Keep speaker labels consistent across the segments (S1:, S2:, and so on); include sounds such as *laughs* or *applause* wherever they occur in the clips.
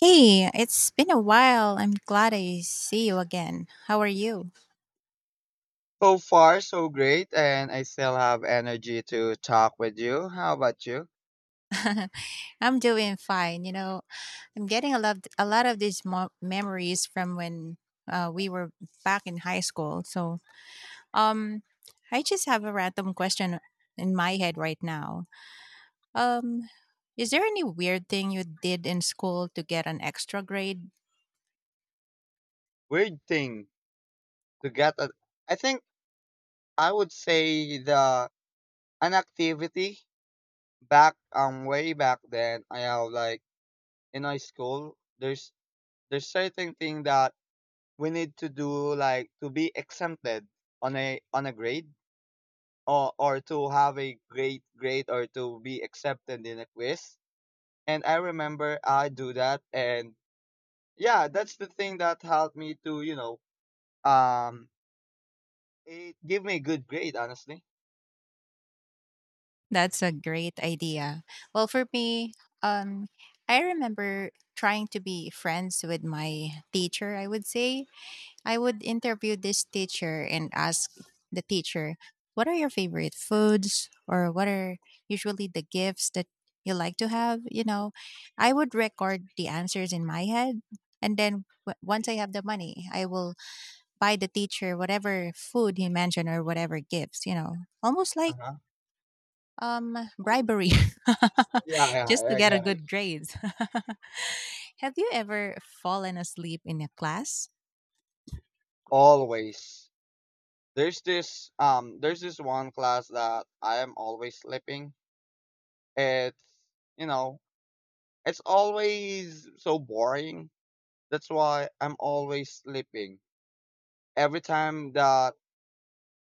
S1: Hey, it's been a while. I'm glad I see you again. How are you?
S2: So far, so great, and I still have energy to talk with you. How about you?
S1: *laughs* I'm doing fine. You know, I'm getting a lot of these memories from when we were back in high school. Um, I just have a random question in my head right now. Um, is there any weird thing you did in school to get an extra grade?
S2: Weird thing to get. I think I would say the an activity back way back then. I have in high school. There's certain thing that we need to do like to be exempted on a grade or to have a great grade or to be accepted in a quiz. And I remember I do that, and yeah, that's the thing that helped me to, um, it give me a good grade, honestly.
S1: That's a great idea. Well, for me, um, I remember trying to be friends with my teacher, I would say. I would interview this teacher and ask the teacher, what are your favorite foods or what are usually the gifts that you like to have? You know, I would record the answers in my head. And then once I have the money, I will buy the teacher whatever food he mentioned or whatever gifts, you know, almost
S2: Uh
S1: like
S2: huh.
S1: bribery, *laughs*
S2: Yeah, yeah,
S1: just to
S2: I I
S1: get a
S2: get it.
S1: good grades. *laughs* Have you ever fallen asleep in a class?
S2: Always. There's this one class that I am always slipping. It's, you know, it's always so boring. That's why I'm always slipping. Every time that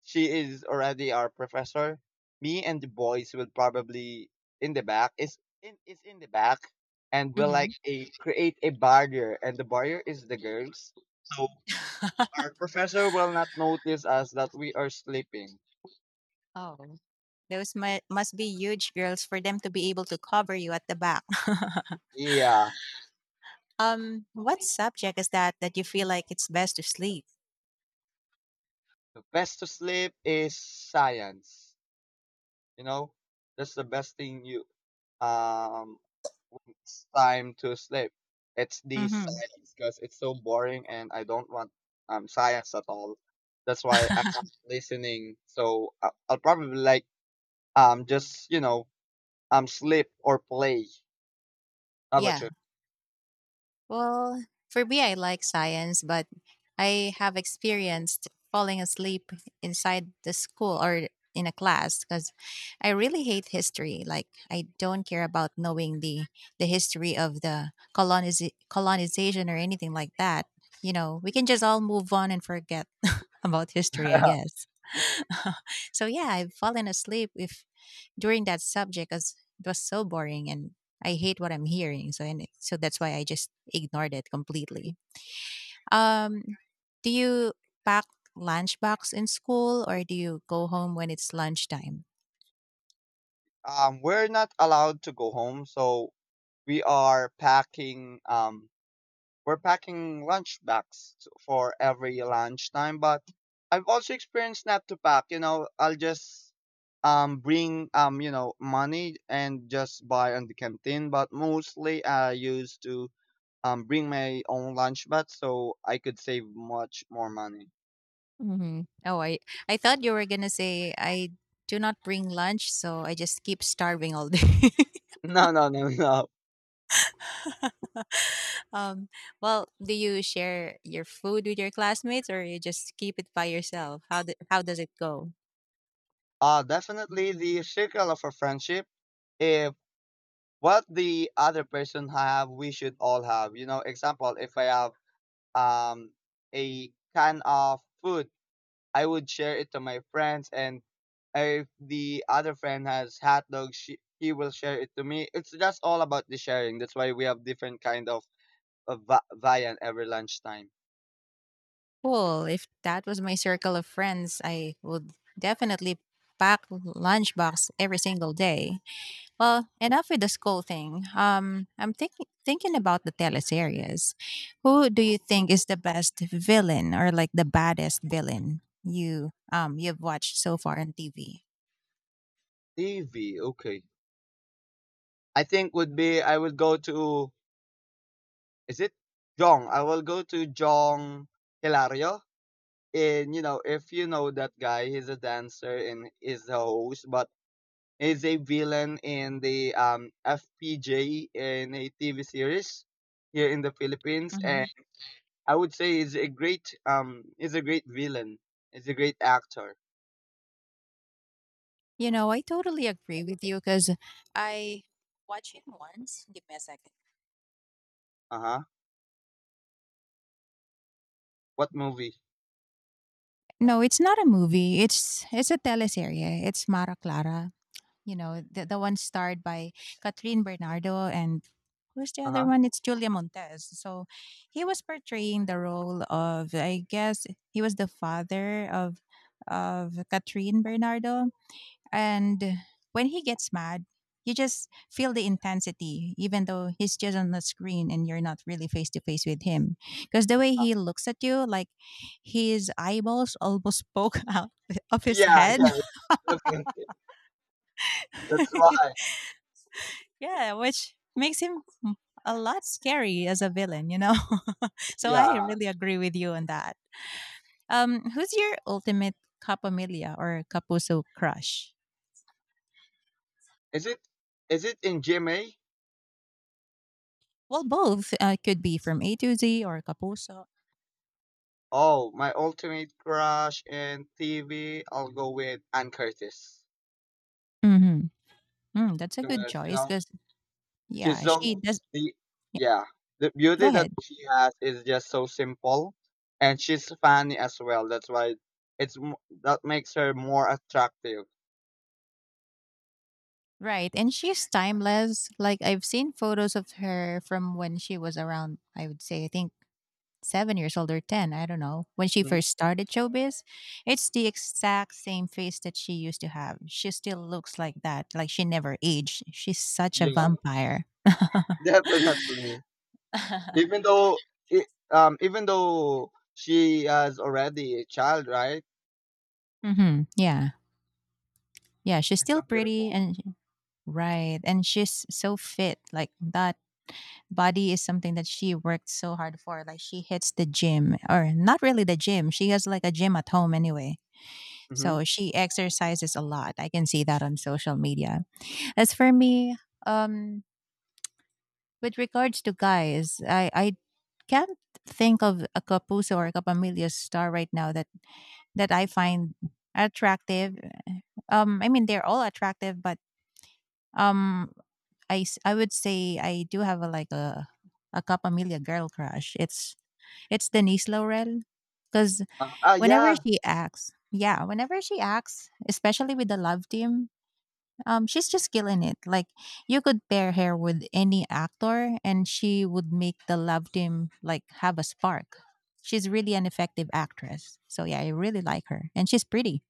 S2: she is already our professor, me and the boys will probably in the back is in the back, and will
S1: Mhm.
S2: like a create a barrier, and the barrier is the girls. So
S1: *laughs*
S2: our professor will not notice us that we are sleeping.
S1: Oh, those must be huge girls for them to be able to cover you at the back. *laughs*
S2: Yeah,
S1: Um, what subject is that that you feel like it's best to sleep?
S2: the best to sleep is science. You know, that's the best thing you um when it's time to sleep. It's the
S1: Mm-hmm.
S2: science because it's so boring and I don't want science at all. That's why I'm not
S1: *laughs*
S2: listening. So I'll probably like just you know sleep or play. How about
S1: Yeah.
S2: you?
S1: Well, for me, I like science, but I have experienced falling asleep inside the school or in a class because I really hate history. Like, I don't care about knowing the history of the colonization or anything like that. You know, we can just all move on and forget about history, I
S2: *laughs*
S1: guess. *laughs* So yeah, I've fallen asleep if during that subject as it was so boring and I hate what I'm hearing. So and so that's why I just ignored it completely. Um, do you pack lunchbox in school or do you go home when it's lunchtime?
S2: We're not allowed to go home, so we are packing we're packing lunch bags for every lunchtime, but I've also experienced not to pack. You know, I'll just bring you know money and just buy on the canteen. But mostly I used to bring my own lunch bag so I could save much more money. *laughs*
S1: Mhm. Oh, I thought you were gonna say I do not bring lunch, so I just keep starving all day.
S2: No, no, no, no.
S1: *laughs* Um, well, do you share your food with your classmates, or you just keep it by yourself? How does it go?
S2: Definitely the circle of a friendship. If what the other person have, we should all have. You know, example, if I have um a can of food, I would share it to my friends, and if the other friend has hot dogs, she, he will share it to me. It's just all about the sharing. That's why we have different kind of, viand every lunchtime.
S1: Cool. If that was my circle of friends, I would definitely pack lunchbox every single day. Well, enough with the school thing. I'm thinking about the teleseries. Who do you think is the best villain or like the baddest villain you've watched so far on TV?
S2: TV, okay. I think would be I would go to is it Jong? I will go to Jong Hilario. And you know, if you know that guy, he's a dancer and is a host, but is a villain in the FPJ in a TV series here in the Philippines, and
S1: Hmm.
S2: I would say is a great villain. Is a great actor.
S1: You know, I totally agree with you because I watched it once. Give me a second.
S2: Uh huh. What movie?
S1: No, it's not a movie. It's a teleserye. It's Mara Clara. You know, the one starred by Catherine Bernardo and who's the
S2: Uh
S1: other
S2: huh.
S1: one? It's Julia Montez. So he was portraying the role of I guess he was the father of Catherine Bernardo and when he gets mad, you just feel the intensity, even though he's just on the screen and you're not really face to face with him. Because the way he looks at you, like his eyeballs almost poke *laughs* out of his
S2: Yeah,
S1: head.
S2: yeah, definitely. That's
S1: *laughs*
S2: why.
S1: Yeah, which makes him a lot scary as a villain, you know? *laughs* So I
S2: Yeah.
S1: really agree with you on that. Who's your ultimate Capamilia or Capuso crush?
S2: Is it is it in GMA?
S1: Well, both could be from A to Z or Capuso.
S2: Oh, my ultimate crush in TV. I'll go with Ann Curtis.
S1: Mhm. Mm, that's a good
S2: You
S1: choice
S2: know,
S1: because,
S2: she's
S1: yeah, she
S2: so
S1: does.
S2: the
S1: Yeah,
S2: yeah. The
S1: go
S2: beauty that
S1: ahead.
S2: she has is just so simple, and she's funny as well. That's why it's m- that makes her more attractive.
S1: Right. And she's timeless. Like, I've seen photos of her from when she was around, I would say, I think 7 years old or 10. I don't know. When she
S2: Mhm.
S1: first started showbiz, it's the exact same face that she used to have. She still looks like that. Like, she never aged. She's such a
S2: Yeah,
S1: vampire. *laughs*
S2: *laughs* definitely. Even though I even though she has already a child, right?
S1: Mm-hmm. Yeah. Yeah. She's
S2: It's
S1: still
S2: so beautiful.
S1: pretty and right. And she's so fit. Like, that body is something that she worked so hard for. Like she hits the gym, or not really the gym. She has like a gym at home anyway.
S2: Mm-hmm.
S1: So she exercises a lot. I can see that on social media. As for me, um, with regards to guys, I can't think of a Capuso or a Capamilio star right now that that I find attractive. I mean they're all attractive, but um, I would say I do have a like a Capamilio girl crush. It's Denise Laurel. Because
S2: Ah, yeah,
S1: whenever she acts, especially with the love team, she's just killing it. Like you could pair her with any actor and she would make the love team like have a spark. She's really an effective actress. So yeah, I really like her. And she's pretty.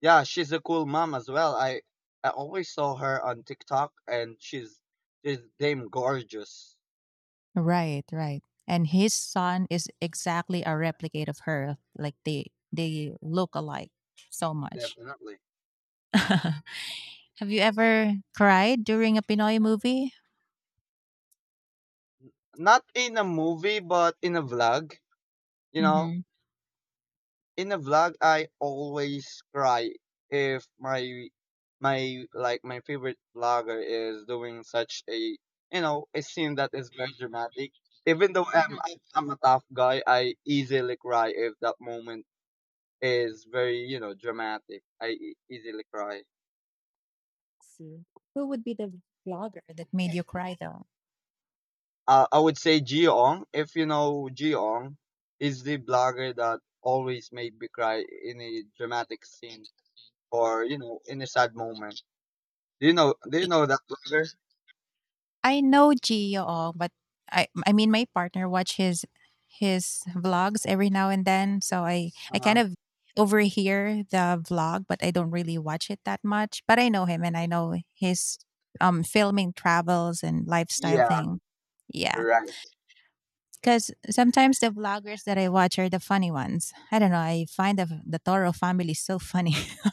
S2: yeah. She's a cool mom as well. I always saw her on TikTok, and she's damn gorgeous.
S1: Right, right. And his son is exactly a replicate of her. Like they look alike so much.
S2: Definitely.
S1: *laughs* Have you ever cried during a Pinoy movie?
S2: Not in a movie, but in a vlog. You know,
S1: Mm-hmm.
S2: in a vlog, I always cry if my favorite vlogger is doing such a you know a scene that is very dramatic. Even though
S1: Mhm.
S2: I'm a tough guy, I easily cry if that moment is very you know dramatic. Easily cry.
S1: See. Who would be the vlogger that made you cry though?
S2: I would say Jiong. If you know Jiong, is the blogger that always made me cry in a dramatic scene, or you know in a sad moment. Do you know? Do you know that blogger?
S1: I know Gio, but I mean my partner watch his vlogs every now and then, so I
S2: Uh
S1: I kind
S2: huh.
S1: of overhear the vlog, but I don't really watch it that much. But I know him and I know his filming travels and lifestyle
S2: Yeah.
S1: thing. Yeah.
S2: Right. *laughs*
S1: Because sometimes the vloggers that I watch are the funny ones. I don't know. I find the Toro family so funny. *laughs*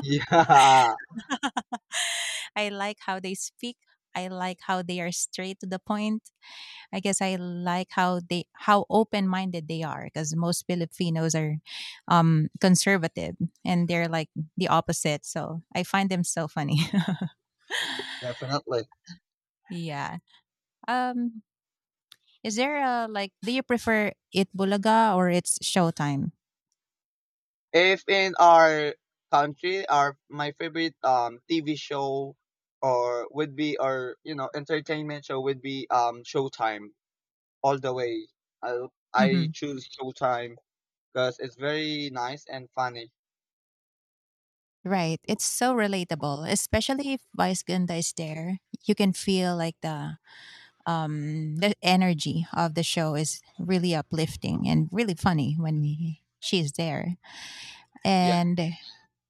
S2: Yeah.
S1: I like how they speak. I like how they are straight to the point. I guess I like how they how open minded they are because most Filipinos are conservative and they're like the opposite. So I find them so funny.
S2: Definitely.
S1: *laughs* Yeah. Um, is there a like? Do you prefer it Bulaga or it's Showtime?
S2: If in our country, our my favorite TV show or would be or you know entertainment show would be Showtime all the way. I I
S1: Hmm.
S2: choose Showtime because it's very nice and funny.
S1: Right. It's so relatable, especially if Vice Ganda is there. You can feel like the energy of the show is really uplifting and really funny when she's there.
S2: Yeah.
S1: And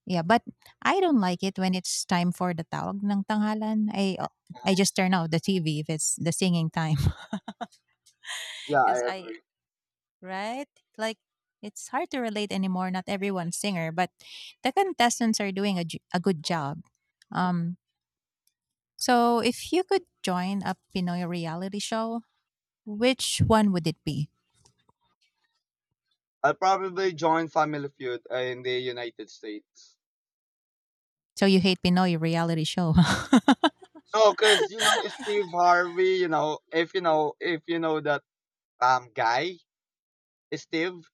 S1: yeah, but I don't like it when it's time for the tawag ng tanghalan. I
S2: Uh-huh.
S1: just turn off the TV if it's the singing time. *laughs*
S2: Yeah, I
S1: Because I
S2: agree.
S1: right like it's hard to relate anymore. Not everyone's singer, but the contestants are doing a good job. Um, So, if you could join a Pinoy reality show, which one would it be?
S2: I'll probably join Family Feud in the United States.
S1: So, you hate Pinoy reality show.
S2: No, because you know Steve
S1: *laughs*
S2: Harvey. If you know that guy Steve,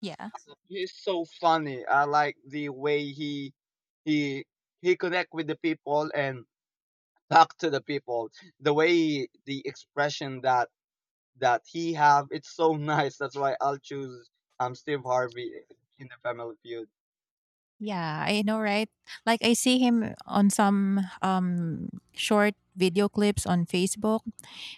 S1: Yeah.
S2: he's so funny. I like the way he he connect with the people and talk to the people. The way the expression that he have, it's so *laughs* nice. That's why I'll choose Steve Harvey in the Family Feud. *laughs*
S1: Yeah, I know, right? Like I see him on some short video clips on Facebook.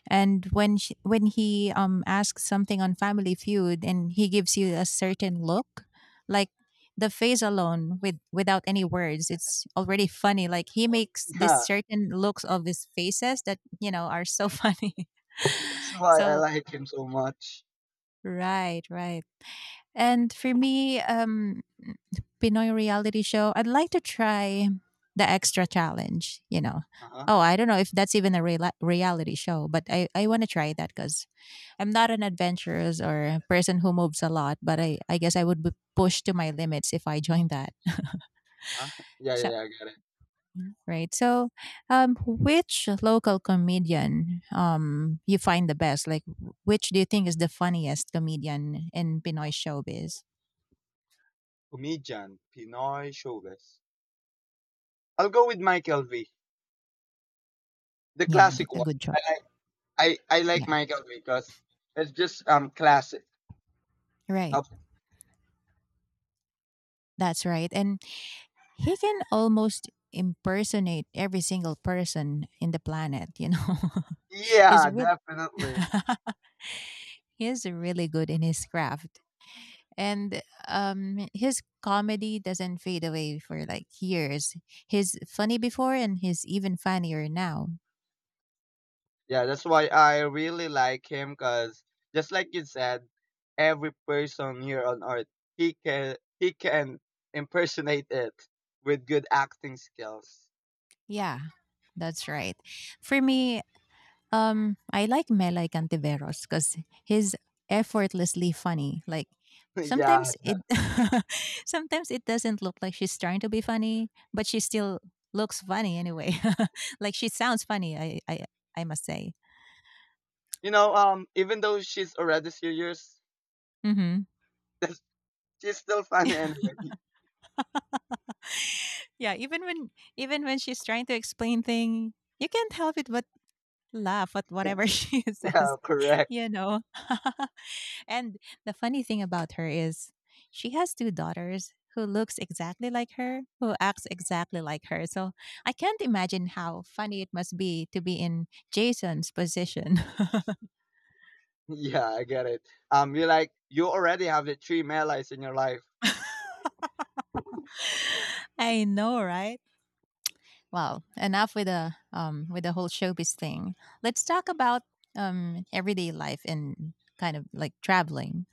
S1: And when she, when he asks something on Family Feud and he gives you a certain look, like the face alone with without any words, it's already funny. Like he makes this
S2: Yeah,
S1: certain looks of his faces that you know are so *laughs* funny.
S2: that's
S1: *laughs*
S2: why I
S1: So
S2: like him so much.
S1: right, right. And for me, Pinoy reality show, I'd like to try the extra challenge. You know,
S2: Uh huh.
S1: oh, I don't know if that's even a reality show, but I want to try that because I'm not an adventurous or a person who moves a lot, but I guess I would be pushed to my limits if I *laughs* joined that.
S2: Uh-huh. Uh-huh. Yeah, yeah,
S1: So
S2: yeah. I get it.
S1: right. So, which local comedian you find the best? Like, which do you think is the funniest comedian in Pinoy showbiz?
S2: Comedian, Pinoy showbiz. I'll go with Michael V, the
S1: Yeah,
S2: classic
S1: that's a
S2: one.
S1: good choice.
S2: I
S1: Yeah,
S2: like Michael V because it's just classic.
S1: right.
S2: How-
S1: That's right. And he can almost impersonate every single person in the planet. You know. *laughs* He's
S2: Yeah,
S1: really
S2: definitely.
S1: *laughs* he's really good in his craft. And his comedy doesn't fade away for like years. He's funny before and he's even funnier now.
S2: Yeah, that's why I really like him because just like you said, every person here on earth he can impersonate it with good acting skills.
S1: Yeah, that's right. For me, I like Melay Cantiveros because he's effortlessly funny. Like
S2: *laughs* yeah,
S1: sometimes it *laughs* sometimes it doesn't look like she's trying to be funny, but she still looks funny anyway. *laughs* Like she sounds funny, I I must say.
S2: you know even though she's already serious,
S1: Mm-hmm.
S2: *laughs* she's still funny
S1: *laughs*
S2: anyway.
S1: Yeah, even when she's trying to explain thing, you can't help it but laugh at
S2: *laughs*
S1: whatever *laughs* she
S2: yeah,
S1: says,
S2: correct.
S1: you know. *laughs* And the funny thing about her is she has two daughters who looks exactly like her, who acts exactly like her. So I can't imagine how funny it must be to be in Jason's position. *laughs*
S2: *laughs* Yeah, I get it. You like, you already have the three Malays in your life.
S1: I know, right? Well, enough with the whole showbiz thing. Let's talk about everyday life and kind of like traveling.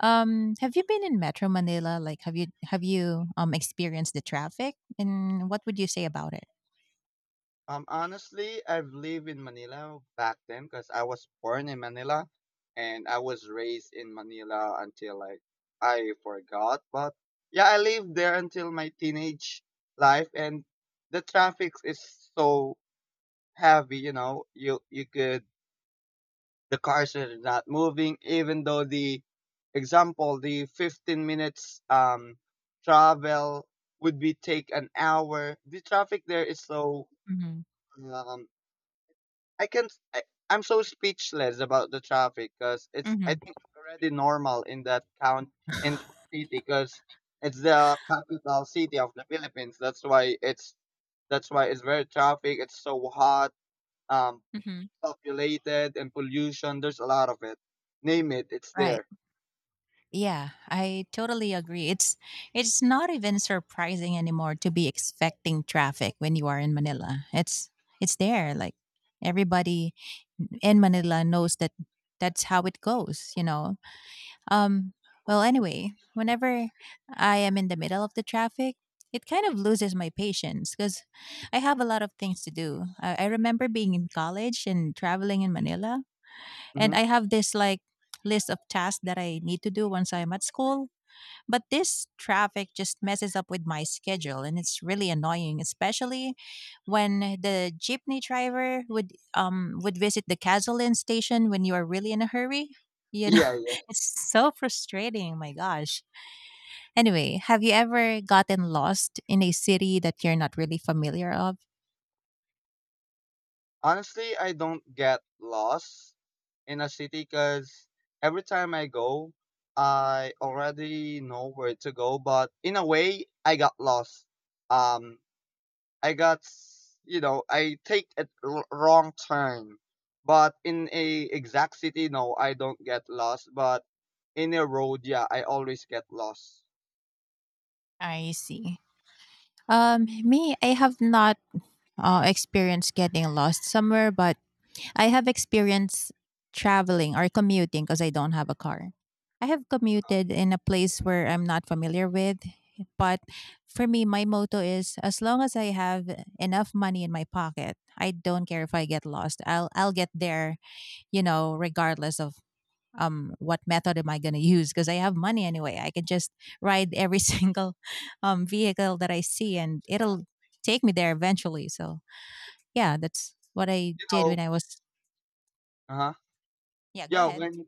S1: Um, have you been in Metro Manila? Like have you experienced the traffic and what would you say about it?
S2: Honestly, I've lived in Manila back then because I was born in Manila and I was raised in Manila until like I forgot. But yeah, I lived there until my teenage life, and the traffic is so heavy, you know, you could. The cars are not moving, even though the example, the 15 minutes travel would be take an hour. The traffic there is so
S1: Mhm,
S2: um, I can I, I'm so speechless about the traffic because
S1: mhm.
S2: it's I
S1: Mhm,
S2: think already normal in that count in the city because it's the capital
S1: *laughs*
S2: city of the Philippines. That's why it's very traffic. It's so hot. Um, populated and pollution. There's a lot of it. Name it, it's
S1: right.
S2: there.
S1: Yeah, I totally agree. It's not even surprising anymore to be expecting traffic when you are in Manila. It's there like everybody in Manila knows that that's how it goes, you know. Um, well, anyway, whenever I am in the middle of the traffic, it kind of loses my patience because I have a lot of things to do. I remember being in college and traveling in Manila, and
S2: Hmm.
S1: I have this like list of tasks that I need to do once I'm at school. But this traffic just messes up with my schedule and it's really annoying, especially when the jeepney driver would visit the gasoline station when you are really in a hurry. You know,
S2: Yeah, yeah.
S1: *laughs* it's so frustrating, my gosh. Anyway, have you ever gotten lost in a city that you're not really familiar of?
S2: Honestly, I don't get lost in a city because every time I go, I already know where to go. But in a way, I got lost. Um, I got, you know, I take a wrong turn. But in a exact city, no, I don't get lost. But in a road, yeah, I always get lost.
S1: I see. Me, I have not experienced getting lost somewhere, but I have experience traveling or commuting because I don't have a car. I have commuted in a place where I'm not familiar with, but for me, my motto is as long as I have enough money in my pocket, I don't care if I get lost. I'll get there, regardless of what method am I gonna use because I have money anyway. I can just ride every *laughs* single vehicle that I see and it'll take me there eventually. So yeah, that's what I
S2: You
S1: did when
S2: know,
S1: I was
S2: uh huh.
S1: yeah, go
S2: Yeah,
S1: ahead.
S2: when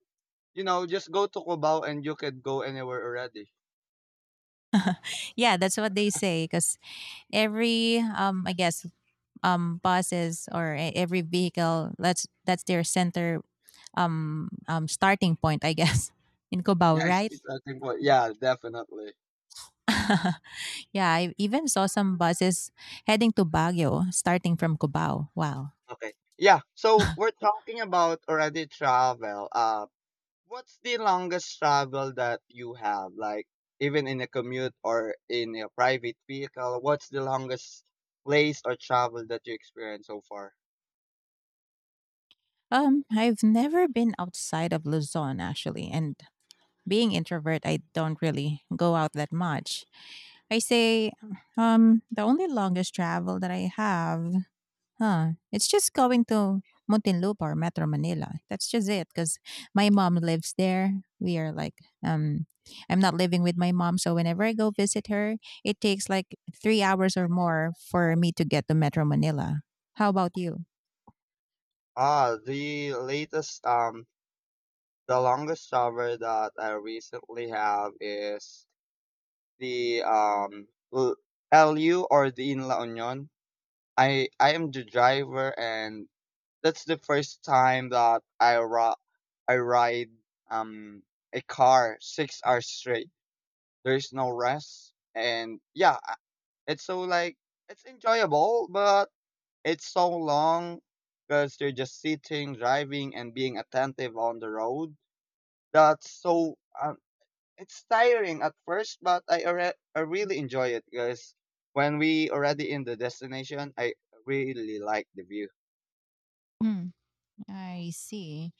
S2: you know, just go to Cubao and you could go anywhere already. *laughs*
S1: Yeah, that's what they say. Because I guess, buses or e- every vehicle, that's their center, starting point, I guess, *laughs* in Cubao,
S2: Yes,
S1: right?
S2: it's the starting point. Yeah, definitely.
S1: *laughs* Yeah, I even saw some buses heading to Baguio, starting from Cubao. Wow.
S2: Okay. Yeah, so we're talking about already travel. What's the longest travel that you have? Like, even in a commute or in a private vehicle, what's the longest place or travel that you experienced so far?
S1: I've never been outside of Luzon actually, and being introvert, I don't really go out that much. I say the only longest travel that I have, huh, it's just going to Muntinlupa or Metro Manila. That's just it cuz my mom lives there. We are like I'm not living with my mom, so whenever I go visit her, it takes like 3 hours or more for me to get to Metro Manila. How about you?
S2: Ah, the latest, the longest travel that I recently have is the L- LU or the in La Union. I am the driver, and that's the first time that I ride um a car 6 hours straight. There's no rest, and yeah, it's so like it's enjoyable, but it's so long because you're just sitting, driving, and being attentive on the road. That's so it's tiring at first, but I really enjoy it because when we already in the destination, I really like the view.
S1: Mm, I see.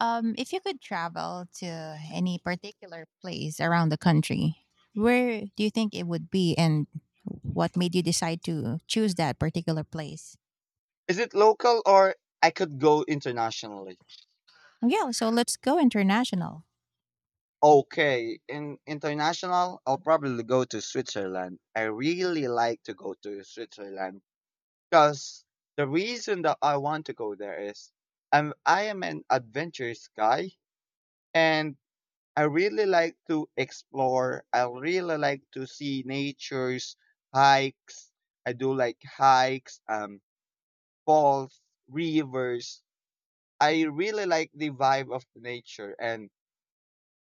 S1: If you could travel to any particular place around the country, where do you think it would be and what made you decide to choose that particular place?
S2: Is it local or I could go internationally?
S1: Yeah, so let's go international.
S2: Okay, in international, I'll probably go to Switzerland. I really like to go to Switzerland because the reason that I want to go there is I am an adventurous guy and I really like to explore. I really like to see natures, hikes. I do like hikes, falls, rivers. I really like the vibe of the nature. And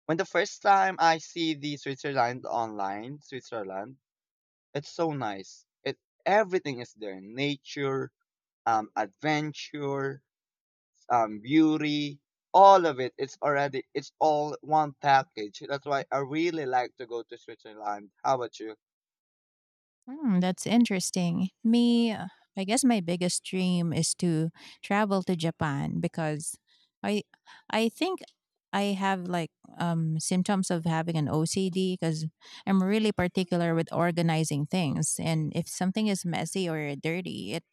S2: when the first time I see the Switzerland online, Switzerland, it's so nice. It everything is there: nature, adventure, beauty, all of it. It's already, it's all one package. That's why I really like to go to Switzerland. How about you?
S1: Mm, that's interesting. Me, I guess my biggest dream is to travel to Japan because I I think I have like symptoms of having an OCD because I'm really particular with organizing things, and if something is messy or dirty, it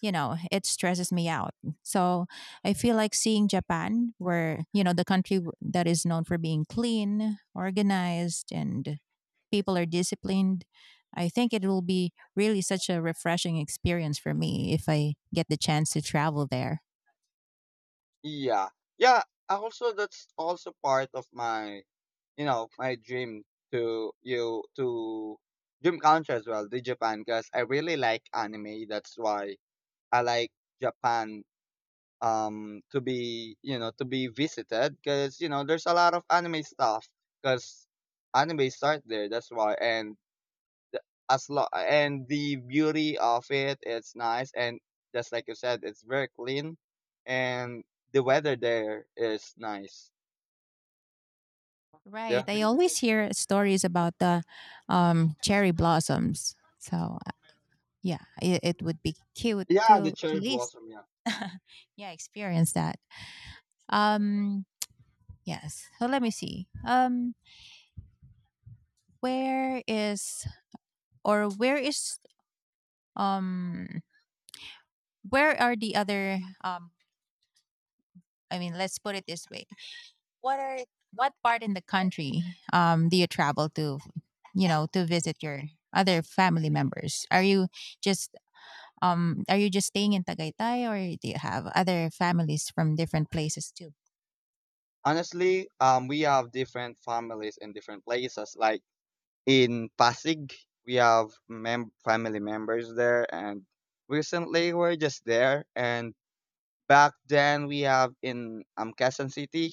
S1: it stresses me out. So I feel like seeing Japan where, you know, the country w- that is known for being clean, organized and people are disciplined, I think it will be really such a refreshing experience for me if I get the chance to travel there.
S2: Yeah. Yeah. I also, that's also part of my, you know, my dream to dream country as well, the Japan, because I really like anime. That's why I like Japan to be you know to be visited because you know there's a lot of anime stuff because anime start there that's why, and the- and the beauty of it it's nice, and just like you said, it's very clean, and the weather there is nice,
S1: Right.
S2: yeah,
S1: I always hear stories about the cherry blossoms. So, yeah, it would be cute
S2: yeah, the
S1: to at
S2: cherry
S1: least,
S2: blossom, yeah.
S1: yeah, experience that. Um, Yes. So let me see. Where is where is um where are the other I mean, let's put it this way. What are what part in the country do you travel to, you know, to visit your other family members? Just are you just staying in Tagaytay or do you have other families from different places too?
S2: Honestly, we have different families in different places, like in Pasig, we have family members there, and recently we're just there, and back then we have in Quezon City.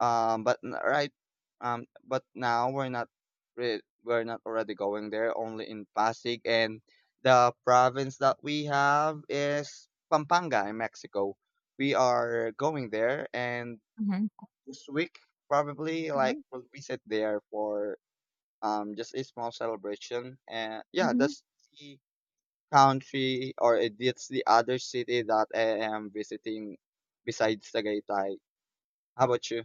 S2: Right, but now we're not already going there. Only in Pasig, and the province that we have is Pampanga in Mexico. We are going there, and
S1: Mhm,
S2: this week probably like
S1: mhm,
S2: we'll visit there for just a small celebration. And yeah,
S1: mhm.
S2: that's the country or it's the other city that I am visiting besides Tagaytay. How about you?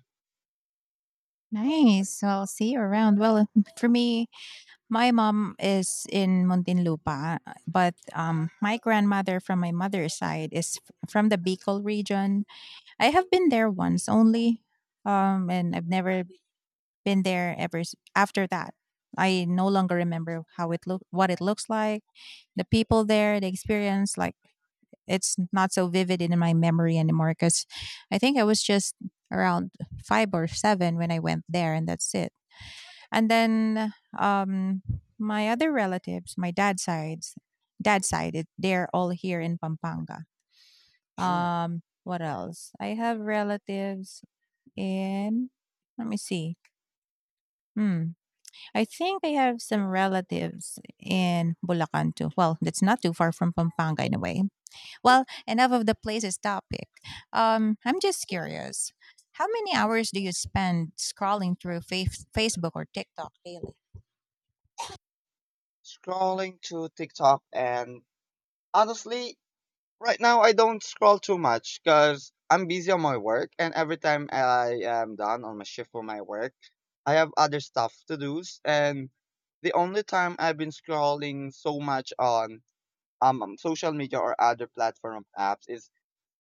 S1: Nice. So I'll see you around. Well, for me, my mom is in Muntinlupa, but my grandmother from my mother's side is f- from the Bicol region. I have been there once only, and I've never been there ever s- after that. I no longer remember how it look, what it looks like, the people there, the experience. Like it's not so vivid in my memory anymore because I think I was just around five or seven when I went there, and that's it. And then um, my other relatives, dad's side, it- they're all here in Pampanga.
S2: Mm.
S1: What else? I have relatives in. Let me see. Hmm. I think I have some relatives in Bulacan too. Well, that's not too far from Pampanga in a way. Well, enough of the places topic. I'm just curious. How many hours do you spend scrolling through face- Facebook or TikTok daily?
S2: Scrolling to TikTok, and honestly, right now I don't scroll too much because I'm busy on my work, and every time I am done on my shift for my work, I have other stuff to do, and the only time I've been scrolling so much on social media or other platform of apps is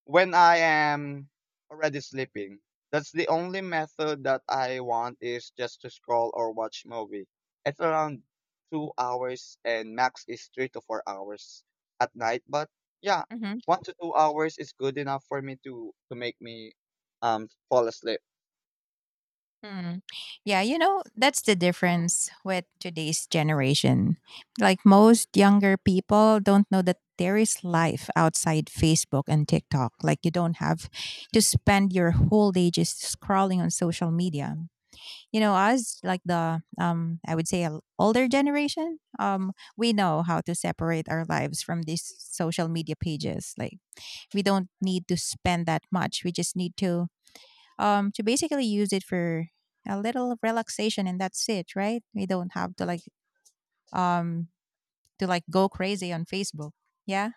S2: when I am already sleeping. That's the only method that I want is just to scroll or watch movie. It's around 2 hours, and max is 3 to 4 hours at night. But yeah,
S1: Mhm.
S2: 1 to 2 hours is good enough for me to make me fall asleep.
S1: Hmm. Yeah, you know, that's the difference with today's generation. Like most younger people don't know that there is life outside Facebook and TikTok. Like you don't have to spend your whole day just scrolling on social media. You know, us like the I would say a l- older generation, um, we know how to separate our lives from these social media pages. Like we don't need to spend that much. We just need to basically use it for a little relaxation, and that's it, right? We don't have um to like go crazy on Facebook, yeah.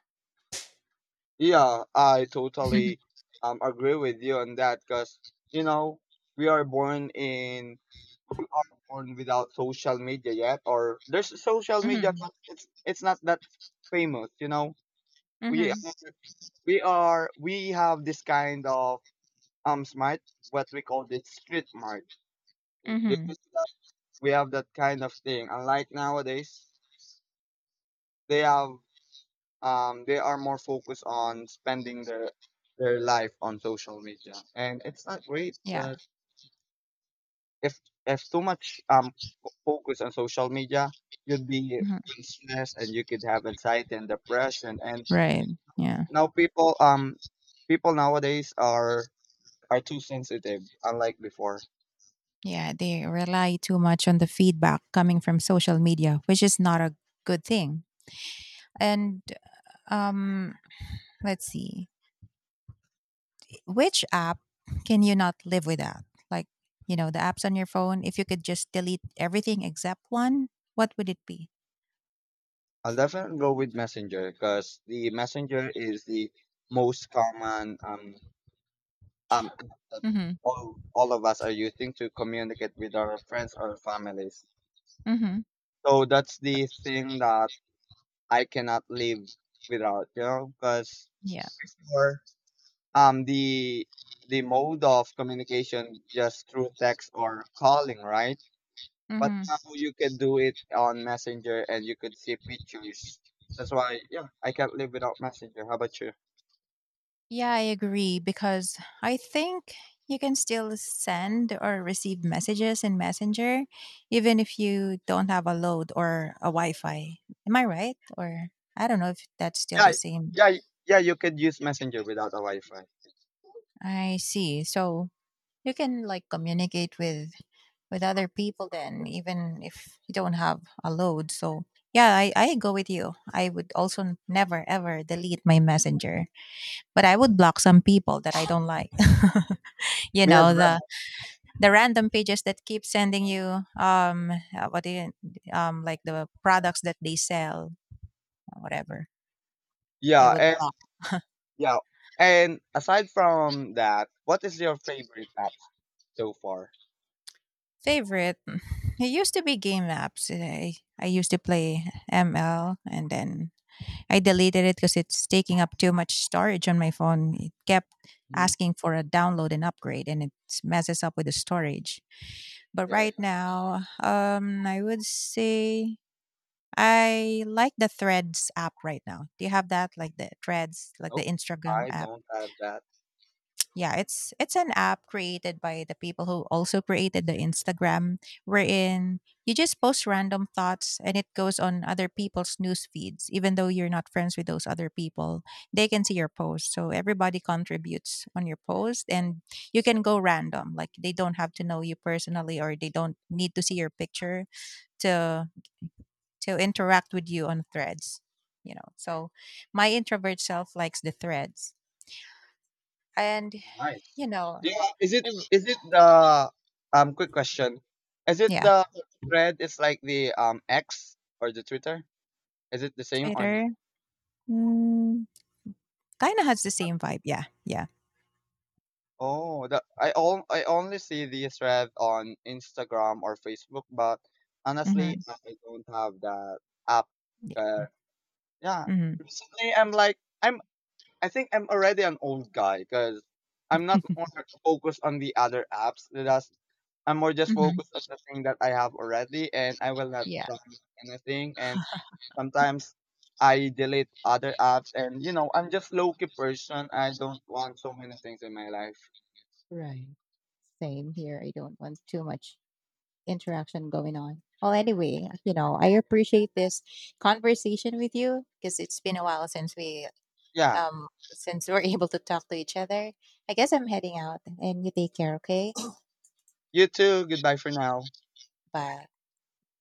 S2: Yeah, I
S1: *laughs*
S2: totally agree with you on that because you know we are born in we are born without social media yet, or there's social media,
S1: Hmm,
S2: but it's not that famous. You know, we
S1: hmm,
S2: we are we have this kind of smart what we call the street smart. In- this
S1: hmm,
S2: is that- We have that kind of thing. Unlike nowadays, they have they are more focused on spending their life on social media, and it's not great
S1: yeah.
S2: because if if too much focus on social media, you'd be
S1: Mhm,
S2: restless, and you could have anxiety and depression. And
S1: right, yeah,
S2: now people nowadays are too sensitive, unlike before.
S1: yeah, they rely too much on the feedback coming from social media, which is not a good thing. And um let's see, which app can you not live without? Like, you know, the apps on your phone, if you could just delete everything except one, what would it be?
S2: I'll definitely go with Messenger because the Messenger is the most common um that all of us are using to communicate with our friends or families.
S1: Mhm.
S2: So that's the thing that I cannot live without, you know, because
S1: Yeah.
S2: for um the the mode of communication just through text or calling, right? But
S1: Mhm.
S2: now you can do it on Messenger, and you could see pictures. That's why, yeah, I can't live without Messenger. How about you?
S1: Yeah, I agree because I think you can still send or receive messages in Messenger even if you don't have a load or a Wi-Fi. Am I right? Or I don't know if that's still the
S2: Yeah,
S1: same.
S2: yeah, yeah. You could use Messenger without a Wi-Fi.
S1: I see. So you can like communicate with other people then even if you don't have a load. So yeah, I go with you. I would also never ever delete my messenger, but I would block some people that I don't like. *laughs* You
S2: Me as
S1: know,
S2: well.
S1: the random pages that keep sending you what do you like, the products that they sell or whatever, I
S2: Yeah,
S1: would
S2: and.
S1: block
S2: Yeah. And aside from that, what is your favorite apps so far?
S1: favorite *sighs* mm, it used to be game apps, I used to play ml and then I deleted it because it's taking up too much storage on my phone. It kept
S2: Hmm.
S1: asking for a download and upgrade and it messes up with the storage. But
S2: Yeah, yeah,
S1: right
S2: yeah.
S1: now, I would say I like the Threads app right now. Do you have that? Like the Threads, like the
S2: Nope.
S1: Instagram
S2: I
S1: app.
S2: don't have that.
S1: Yeah, it's an app created by the people who also created the Instagram, wherein you just post random thoughts and it goes on other people's news feeds. Even though you're not friends with those other people, they can see your post. So everybody contributes on your post, and you can go random. Like they don't have to know you personally, or they don't need to see your picture to to interact with you on threads, you know. So my introvert self likes the threads, and
S2: Nice.
S1: you know,
S2: Yeah. Is it the quick question? Is it
S1: yeah.
S2: the thread is like the X or the Twitter? Is it the same or no?
S1: Twitter, mm, kind of has the same vibe, yeah, yeah.
S2: Oh, the I all I only see the thread on Instagram or Facebook, but honestly,
S1: Mm-hmm,
S2: I don't have that app.
S1: yeah,
S2: Uh, yeah.
S1: mm-hmm.
S2: Recently, I'm I think I'm already an old guy because I'm not more focused on the other apps. That's I'm more just
S1: Mm-hmm,
S2: focused on the thing that I have already, and I will not
S1: yeah.
S2: download anything. And sometimes I delete other apps, and you know I'm just low key person. I don't want so many things in my life.
S1: Right. Same here. I don't want too much interaction going on. Well, anyway, you know, I appreciate this conversation with you because it's been a while since we
S2: Yeah,
S1: since we're *laughs* able to talk to each other. I guess I'm heading out, and you take care, okay?
S2: you too. Goodbye for now.
S1: Bye.